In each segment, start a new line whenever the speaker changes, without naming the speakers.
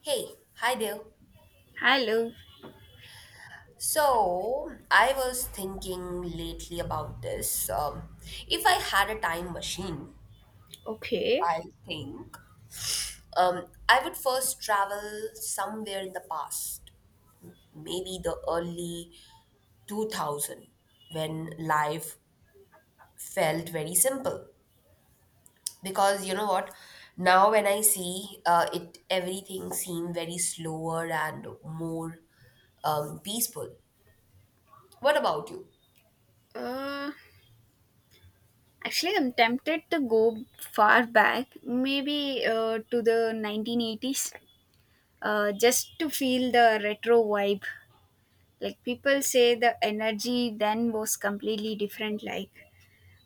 Hey, hi there.
Hello.
So, I was thinking lately about this. If I had a time machine,
Okay.
I think I would first travel somewhere in the past, maybe the early 2000, when life felt very simple. Because you know what? Now, when I see it, everything seemed very slower and more peaceful. What about you?
Uh, actually, I'm tempted to go far back, maybe to the 1980s, just to feel the retro vibe. Like people say, the energy then was completely different. Like,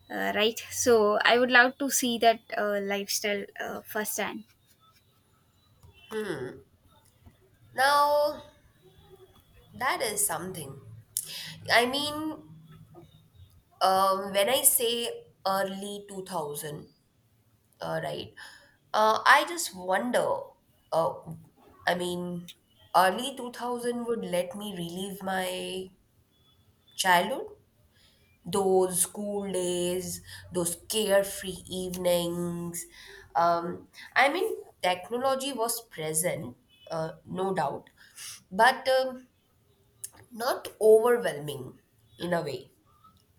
uh, right? So I would love to see that lifestyle firsthand.
Now, That is something. I mean, when I say early 2000, right, I just wonder. uh, I mean, early 2000 would let me relive my childhood, those school days, those carefree evenings. Um, I mean, technology was present, no doubt, but not overwhelming in a way.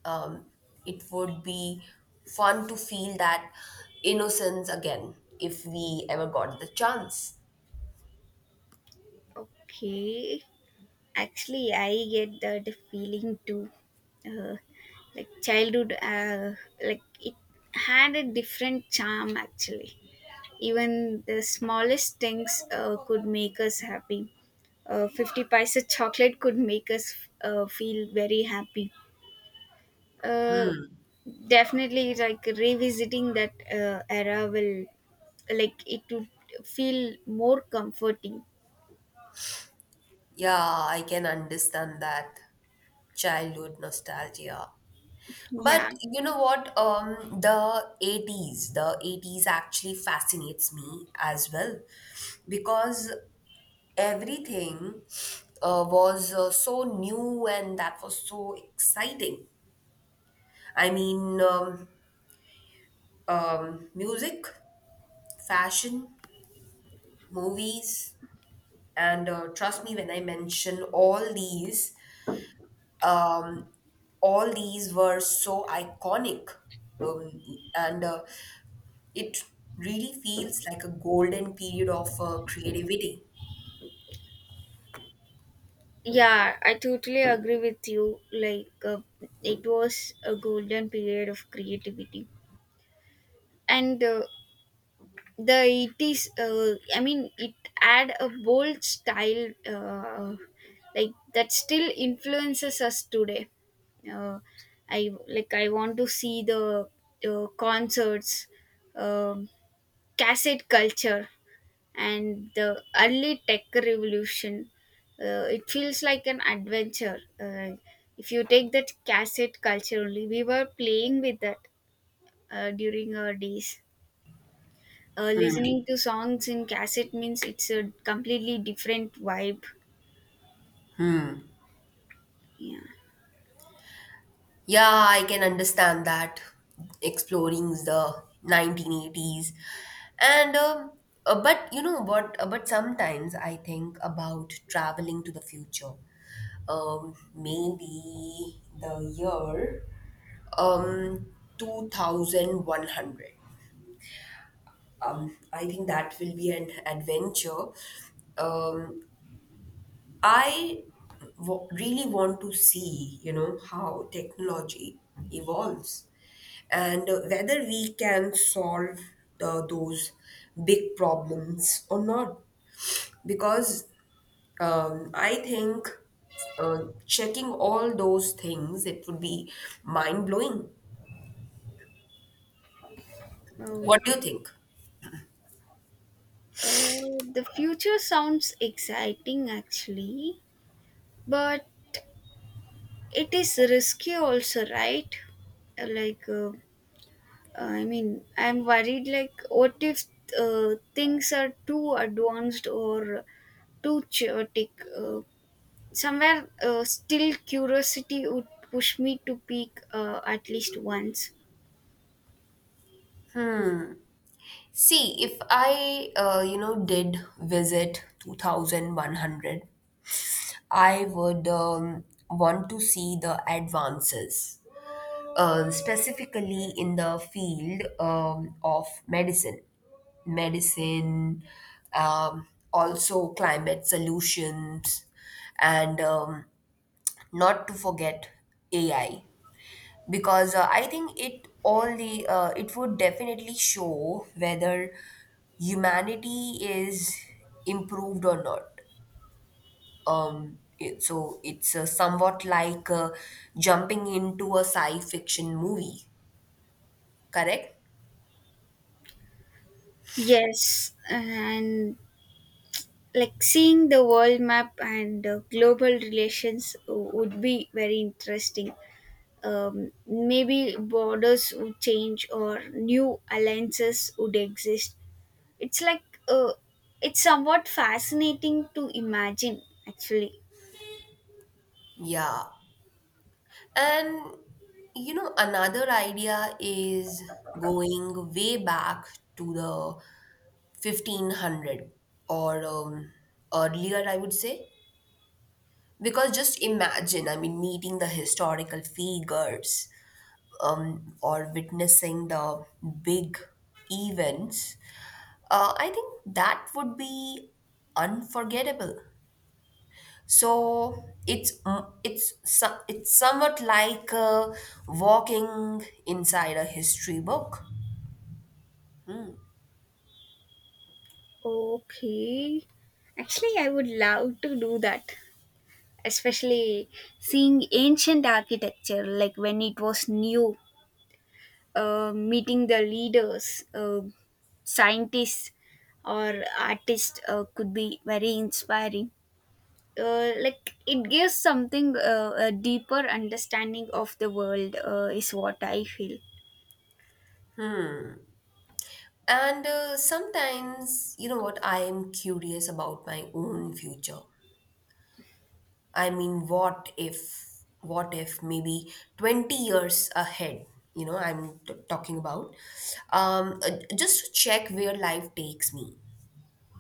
um, it would be fun to feel that innocence again if we ever got the chance.
Okay. Actually, I get that feeling too. Uh, like childhood, like it had a different charm actually. Even the smallest things could make us happy. 50 paisa chocolate could make us feel very happy. Uh, definitely, like revisiting that era will, like, it would feel more comforting.
Yeah, I can understand that childhood nostalgia.
Yeah.
But you know what? The 80s, the 80s actually fascinates me as well because everything was so new and that was so exciting. I mean, music, fashion, movies, and trust me when I mention all these were so iconic, and it really feels like a golden period of creativity.
Yeah, I totally agree with you. It was a golden period of creativity, and the 80s. I mean, it had a bold style, like that still influences us today. Uh, I like. I want to see the concerts, um cassette culture, and the early tech revolution. It feels like an adventure. If you take that cassette culture only, we were playing with that during our days, listening to songs in cassette means it's a completely different vibe. Yeah.
Yeah, I can understand that, exploring the 1980s. And but you know what? But sometimes I think about traveling to the future, maybe the year 2100. I think that will be an adventure. Um, I really want to see, how technology evolves and whether we can solve those big problems or not. Because I think uh, checking all those things, it would be mind blowing.
oh,
What do you think?
the future sounds exciting actually, but it is risky also, right? Uh, like uh, I mean, I'm worried, like, what if things are too advanced or too chaotic? Uh, somewhere, still curiosity would push me to peek at least once.
See, if I did visit 2100, I would want to see the advances, specifically in the field of medicine, medicine, um, also climate solutions, and not to forget AI, because I think it all the it would definitely show whether humanity is improved or not. So it's somewhat like jumping into a sci-fiction movie, correct?
Yes, and like seeing the world map and global relations would be very interesting. Maybe borders would change or new alliances would exist. It's like uh, it's somewhat fascinating to imagine actually.
Yeah, and you know another idea is going way back to the 1500 or earlier, I would say. Because just imagine, I mean, meeting the historical figures or witnessing the big events, I think that would be unforgettable. So it's mm, it's so- it's somewhat like walking inside a history book. Hmm.
Okay. Actually, I would love to do that, especially seeing ancient architecture like when it was new, meeting the leaders, scientists, or artists could be very inspiring. Like it gives something, a deeper understanding of the world, is what I feel.
And sometimes, you know what, I am curious about my own future. I mean, what if maybe 20 years ahead, I'm talking about, just to check where life takes me.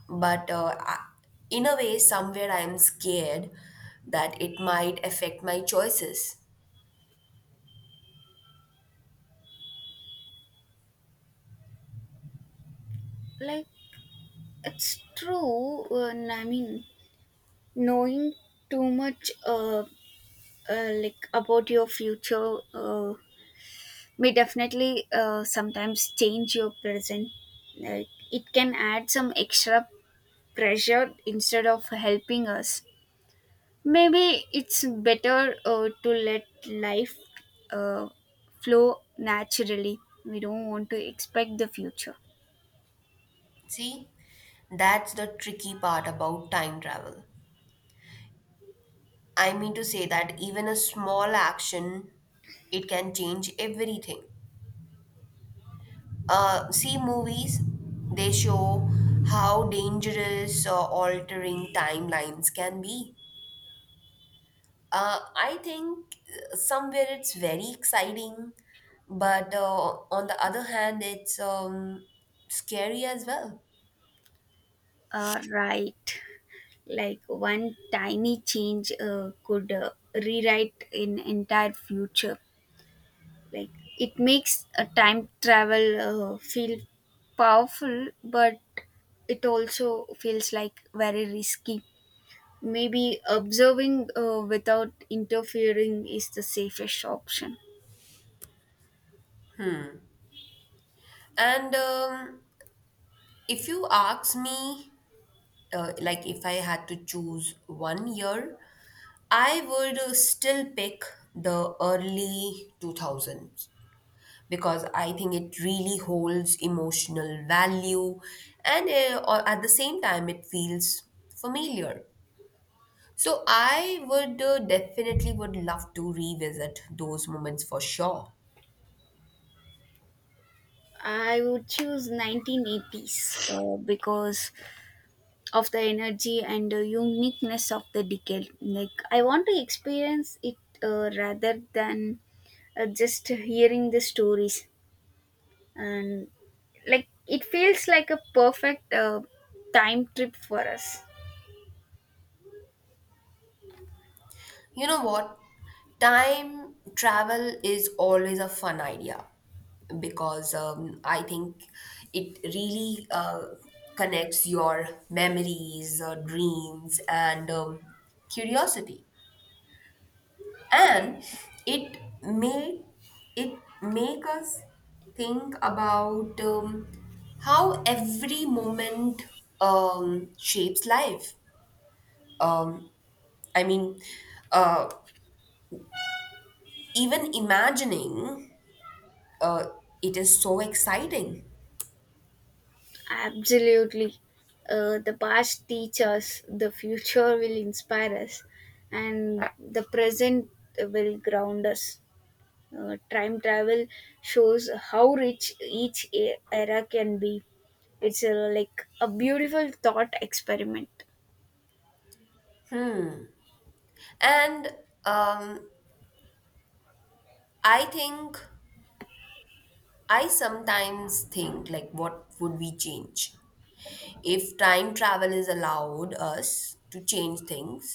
But in a way, somewhere I'm scared that it might affect my choices.
Like It's true. And I mean, knowing too much, like about your future, may definitely sometimes change your present. Like it can add some extra pressure instead of helping us. Maybe it's better to let life uh, flow naturally. We don't want to expect the future.
See, that's the tricky part about time travel. I mean to say that even a small action, it can change everything. See movies, they show how dangerous altering timelines can be. I think, somewhere it's very exciting, but on the other hand, it's scary as well.
Right. Like one tiny change could rewrite an entire future. Like it makes a time travel feel powerful, but it also feels like very risky. Maybe observing without interfering is the safest option.
And if you ask me, like if I had to choose one year, I would still pick the early 2000s, because I think it really holds emotional value, and or at the same time, it feels familiar. So I would definitely would love to revisit those moments for sure.
I would choose 1980s because of the energy and the uniqueness of the decade. Like I want to experience it rather than just hearing the stories. And like it feels like a perfect time trip for us.
You know what? Time travel is always a fun idea, because I think it really connects your memories, dreams, and curiosity. And it made it make us think about how every moment shapes life. um, I mean, uh, even imagining, uh, it is so exciting.
Absolutely. The past teaches, the future will inspire us, and the present will ground us. Time travel shows how rich each era can be. It's like a beautiful thought experiment.
And um, i think I sometimes think, like, what would we change if time travel is allowed us to change things?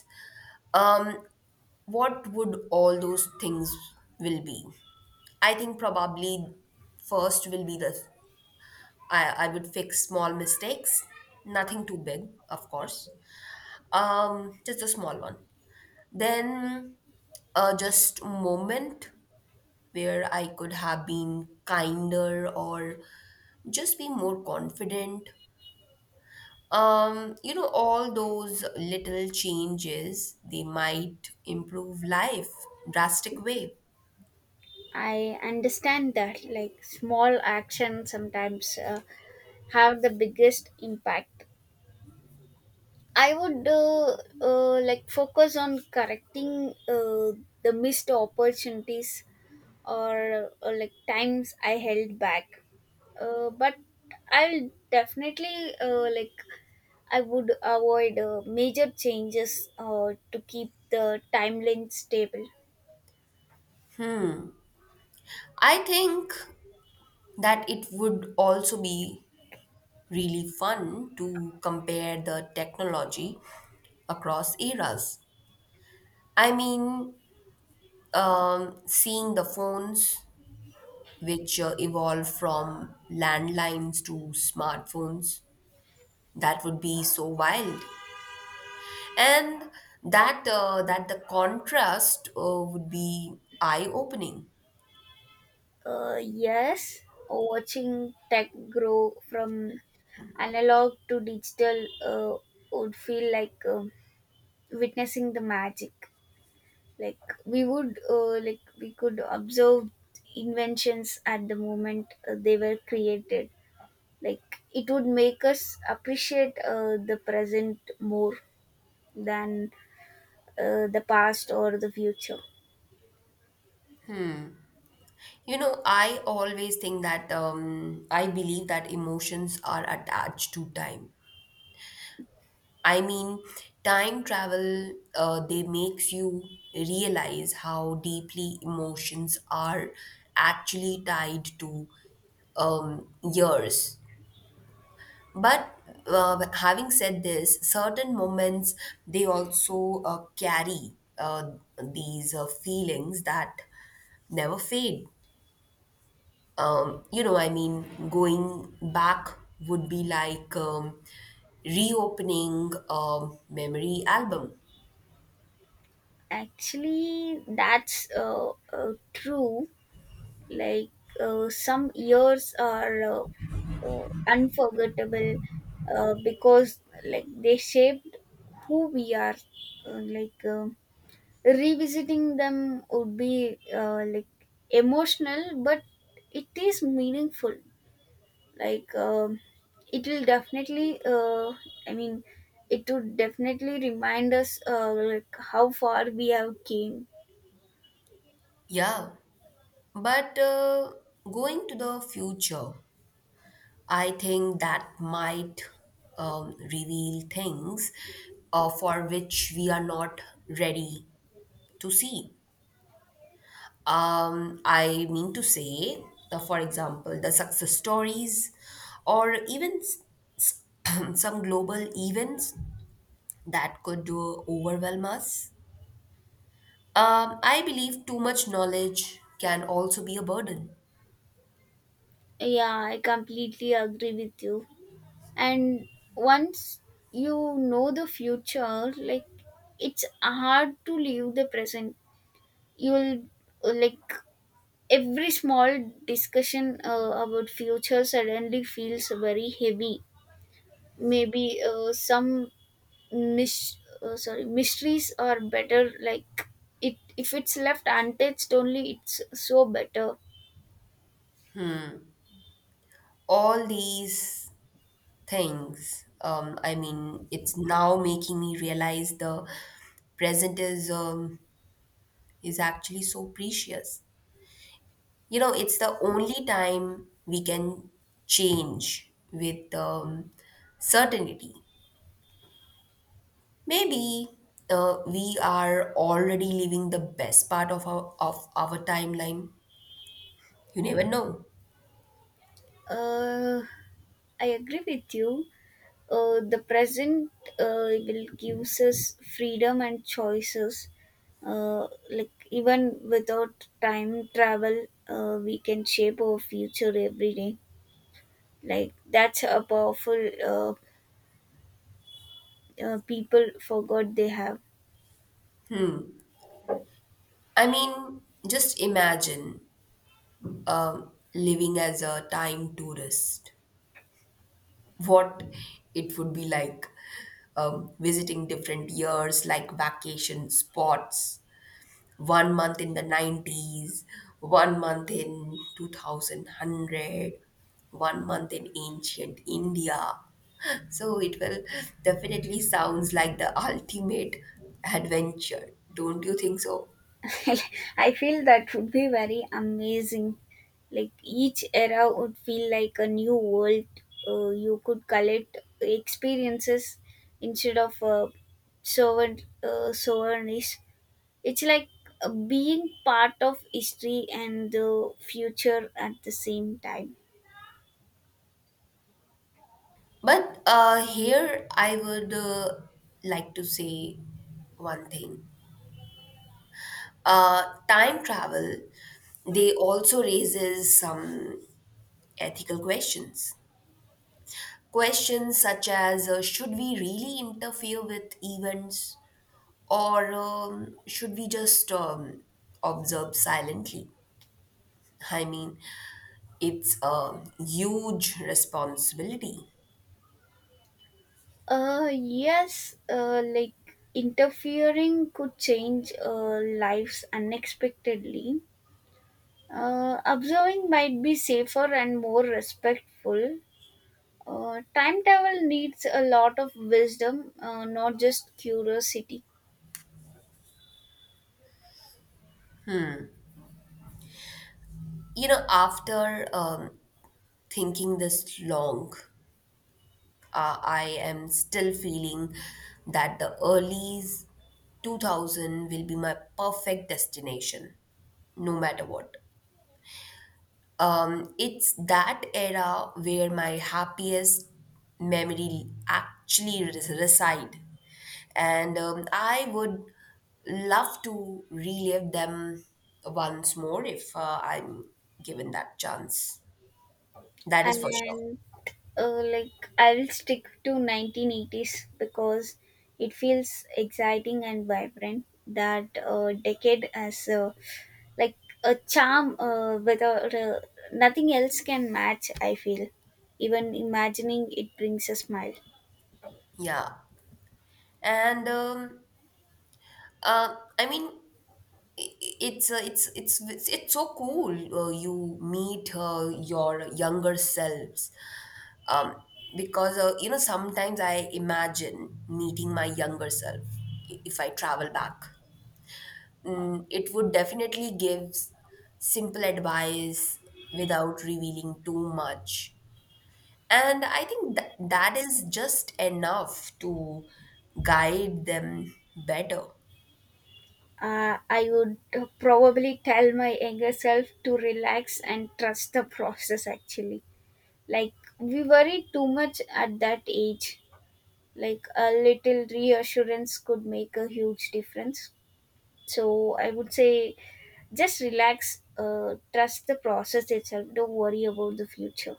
um what would all those things will be? I think probably, first will be the I would fix small mistakes, nothing too big, of course, just a small one. Then, just moment where I could have been kinder, or just be more confident. All those little changes, they might improve life drastic way.
I understand that, like, small actions sometimes have the biggest impact. I would like focus on correcting the missed opportunities or like times I held back. But I'll definitely I would avoid major changes to keep the timeline stable.
I think that it would also be really fun to compare the technology across eras. I mean, seeing the phones which evolve from landlines to smartphones, that would be so wild. And that the contrast would be eye-opening.
Yes, watching tech grow from analog to digital would feel like witnessing the magic. Like like we could observe inventions at the moment they were created. Like it would make us appreciate the present more than the past or the future.
You know, I always think that I believe that emotions are attached to time. I mean, time travel, they makes you realize how deeply emotions are actually tied to years. But having said this, certain moments, they also carry these feelings that never fade. I mean, going back would be like reopening a memory album.
Actually that's True. like some years are, oh, unforgettable, because like they shaped who we are. uh, like um Revisiting them would be, like, emotional, but it is meaningful. Like it will definitely I mean It would definitely remind us like how far we have came.
Yeah, but going to the future, I think that might reveal things for which we are not ready to see. I mean to say, for example, the success stories, or even some global events that could overwhelm us. I believe too much knowledge can also be a burden.
Yeah, I completely agree with you. And once you know the future, like, it's hard to leave the present. You'll like Every small discussion about future suddenly feels very heavy. Maybe some mis- oh, sorry mysteries are better, like, it if it's left untouched only, it's so better.
All these things. I mean, it's now making me realize the present is actually so precious. You know, it's the only time we can change with certainty. Maybe we are already living the best part of our timeline. You never know.
uh I agree with you. The present will gives us freedom and choices. Even without time travel, we can shape our future every day. Like that's a powerful people forgot they have.
I mean, just imagine living as a time tourist, what it would be like, visiting different years, like vacation spots, one month in the 90s, one month in 2100, month in ancient India. So it will definitely sounds like the ultimate adventure. Don't you think so?
I feel that would be very amazing. Like each era would feel like a new world. You could collect experiences instead of servant souvenirs. It's like Being part of history and the future at the same time.
But here I would like to say one thing. Time travel, they also raises some ethical questions. Questions such as, should we really interfere with events, or should we just observe silently? I mean, it's a huge responsibility.
Yes, like interfering could change lives unexpectedly. Observing might be safer and more respectful. Time travel needs a lot of wisdom, not just curiosity.
You know, after thinking this long, I am still feeling that the earliest 2000 will be my perfect destination, no matter what. It's that era where my happiest memory actually reside. And I would love to relive them once more if I'm given that chance. That is for sure.
And like I'll stick to 1980s because it feels exciting and vibrant. That decade as like a charm without nothing else can match. I feel even imagining it brings a smile.
Yeah. And I mean, it's so cool. You meet your younger selves, um, because sometimes I imagine meeting my younger self, if I travel back. It would definitely give simple advice without revealing too much, and I think that that is just enough to guide them better.
I would probably tell my younger self to relax and trust the process actually. Like, we worry too much at that age. Like, a little reassurance could make a huge difference. So, I would say just relax, trust the process itself, don't worry about the future.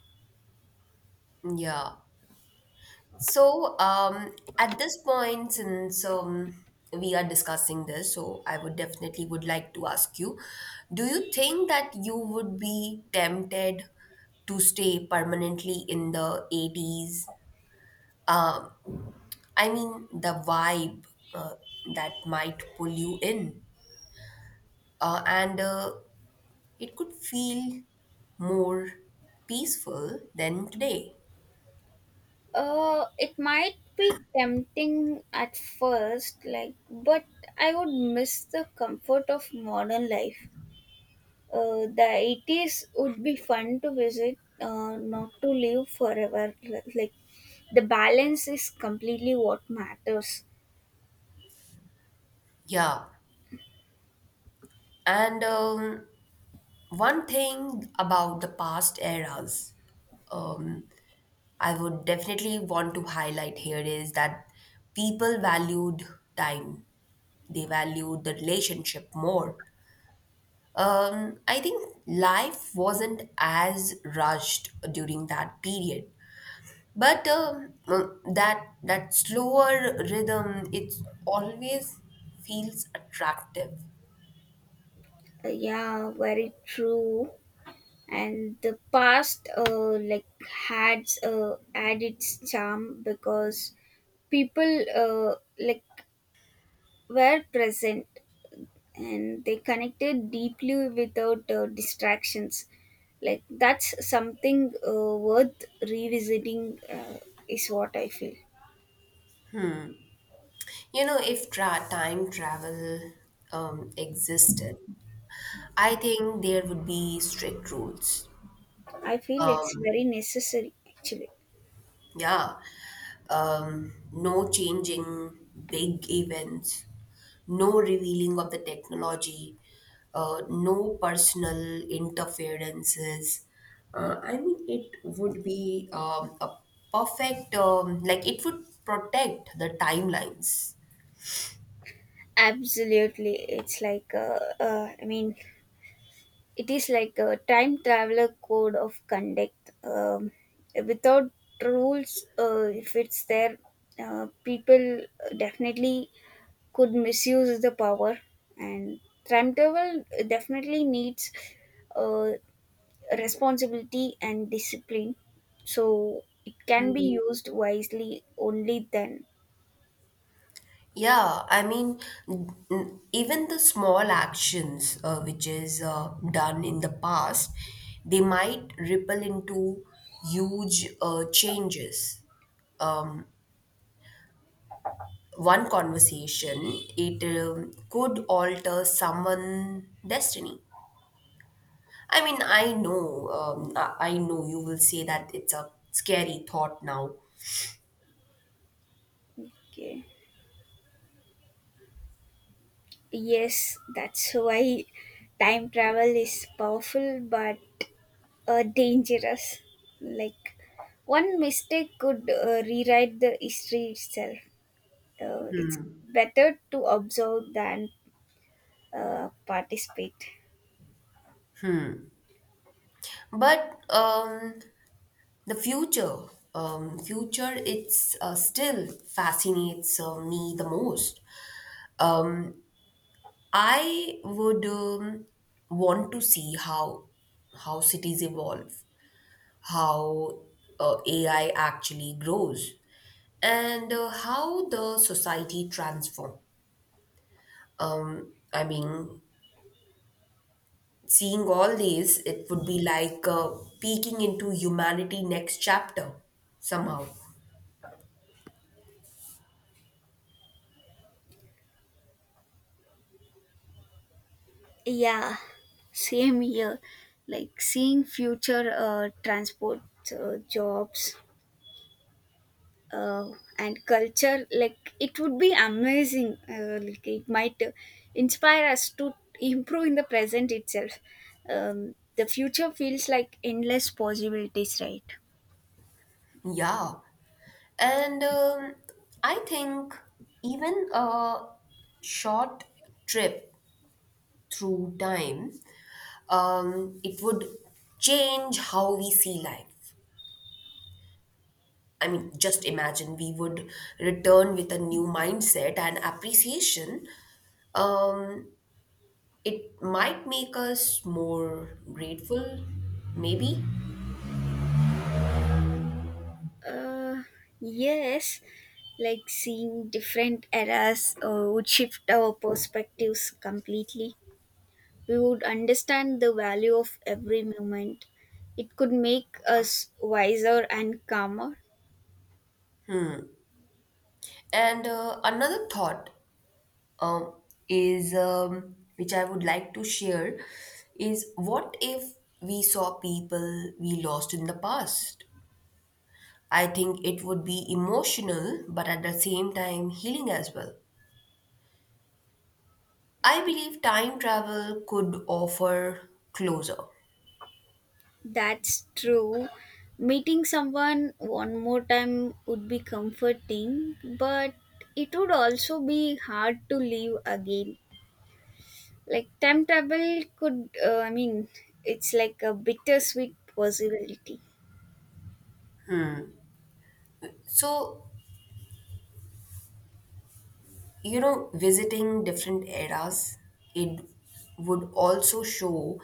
Yeah. So, at this point, since we are discussing this, so I would definitely would like to ask you, do you think that you would be tempted to stay permanently in the 80s? Um, I mean, the vibe uh, that might pull you in, and it could feel more peaceful than today.
It might be tempting at first, like, but I would miss the comfort of modern life. The 80s would be fun to visit, not to live forever. Like the balance is completely what matters.
Yeah. And one thing about the past eras, um, I would definitely want to highlight here, is that people valued time, they valued the relationship more. I think life wasn't as rushed during that period. But that slower rhythm, it always feels attractive.
Yeah, very true. And the past, had its charm because people were present and they connected deeply without distractions. Like that's something worth revisiting, is what I feel.
You know, if time travel existed, I think there would be strict rules.
I feel
Um,
it's very necessary actually.
yeah. No changing big events, no revealing of the technology, no personal interferences. I mean, it would be a perfect, like, it would protect the timelines.
Absolutely. It is like a time traveler code of conduct. Without rules, if it's there people definitely could misuse the power. And time travel definitely needs uh, responsibility and discipline, so it can be used wisely only then.
Yeah, I mean, even the small actions, which is done in the past, they might ripple into huge changes. Um, One conversation, it could alter someone's destiny. I mean, I know, I know you will say that it's a scary thought now,
Okay. Yes, that's why time travel is powerful but dangerous. Like one mistake could rewrite the history itself. Uh, it's better to observe than participate.
but the future it's still fascinates me the most. um, I would want to see how cities evolve, how AI actually grows, and how the society transform. I mean, seeing all these, it would be like peeking into humanity next chapter somehow.
Yeah, same here. Like seeing future transport, jobs, uh, and culture, like it would be amazing. It might inspire us to improve in the present itself. The future feels like endless possibilities, right?
Yeah. And I think even a short trip through time, it would change how we see life. I mean, just imagine, we would return with a new mindset and appreciation. Um, it might make us more grateful, maybe.
Uh, yes, like seeing different eras would shift our perspectives completely. We would understand the value of every moment. It could make us wiser and calmer.
And another thought, um, is, which I would like to share, is: what if we saw people we lost in the past? I think it would be emotional, but at the same time, healing as well. I believe time travel could offer closure.
That's true. Meeting someone one more time would be comforting, but it would also be hard to leave again. Like time travel could, it's like a bittersweet possibility.
So, you know, visiting different eras, it would also show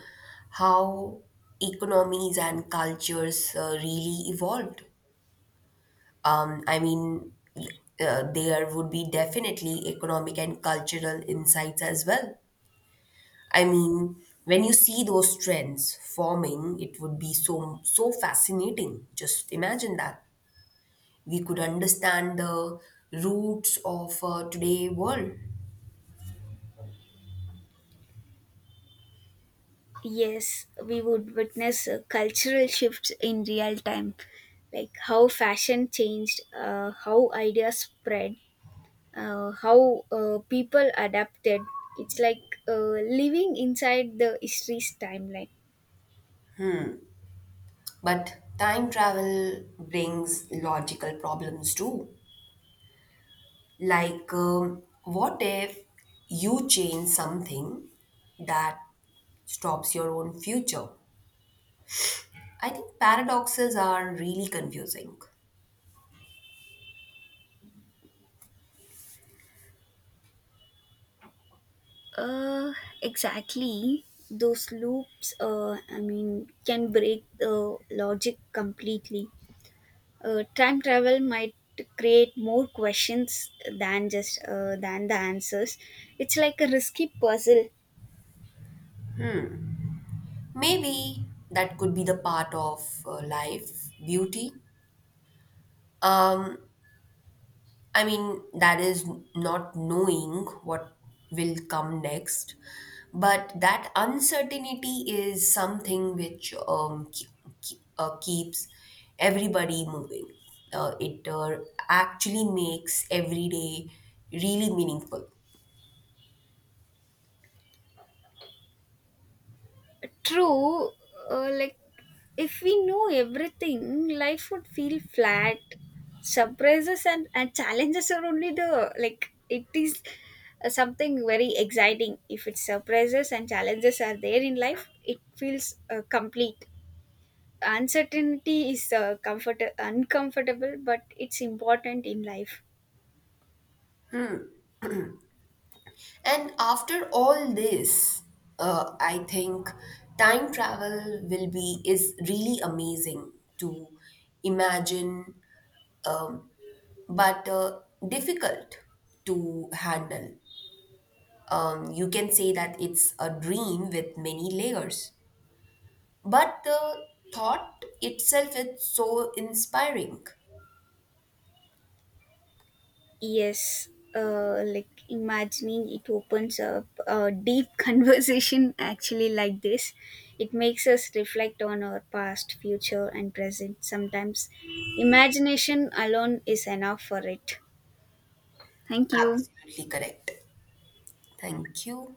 how economies and cultures really evolved. I mean, there would be definitely economic and cultural insights as well. I mean, when you see those trends forming, it would be so so fascinating. Just imagine that we could understand the roots of today world,
Yes, we would witness cultural shifts in real time, like how fashion changed, how ideas spread, how people adapted. It's like Living inside the history's timeline.
but time travel brings logical problems too. Like, what if you change something that stops your own future? I think paradoxes are really confusing.
Uh, exactly. Those loops, can break the logic completely. Time travel might create more questions than just than the answers. It's like a risky puzzle.
Maybe that could be the part of life beauty. Um, I mean, that is not knowing what will come next, but that uncertainty is something which keeps everybody moving. It actually makes every day really meaningful.
True. uh, like if we know everything, life would feel flat. Surprises and challenges are only the like it is Something very exciting, if it's surprises and challenges are there in life, it feels complete. Uncertainty is comfort uncomfortable, but it's important in life.
And after all this, I think time travel will be is really amazing to imagine, um, but difficult to handle. You can say that it's a dream with many layers, but the thought itself is so inspiring.
Yes, like imagining it opens up a deep conversation actually like this. It makes us reflect on our past, future, and present. Sometimes imagination alone is enough for it. Thank you.
Absolutely correct. Thank you.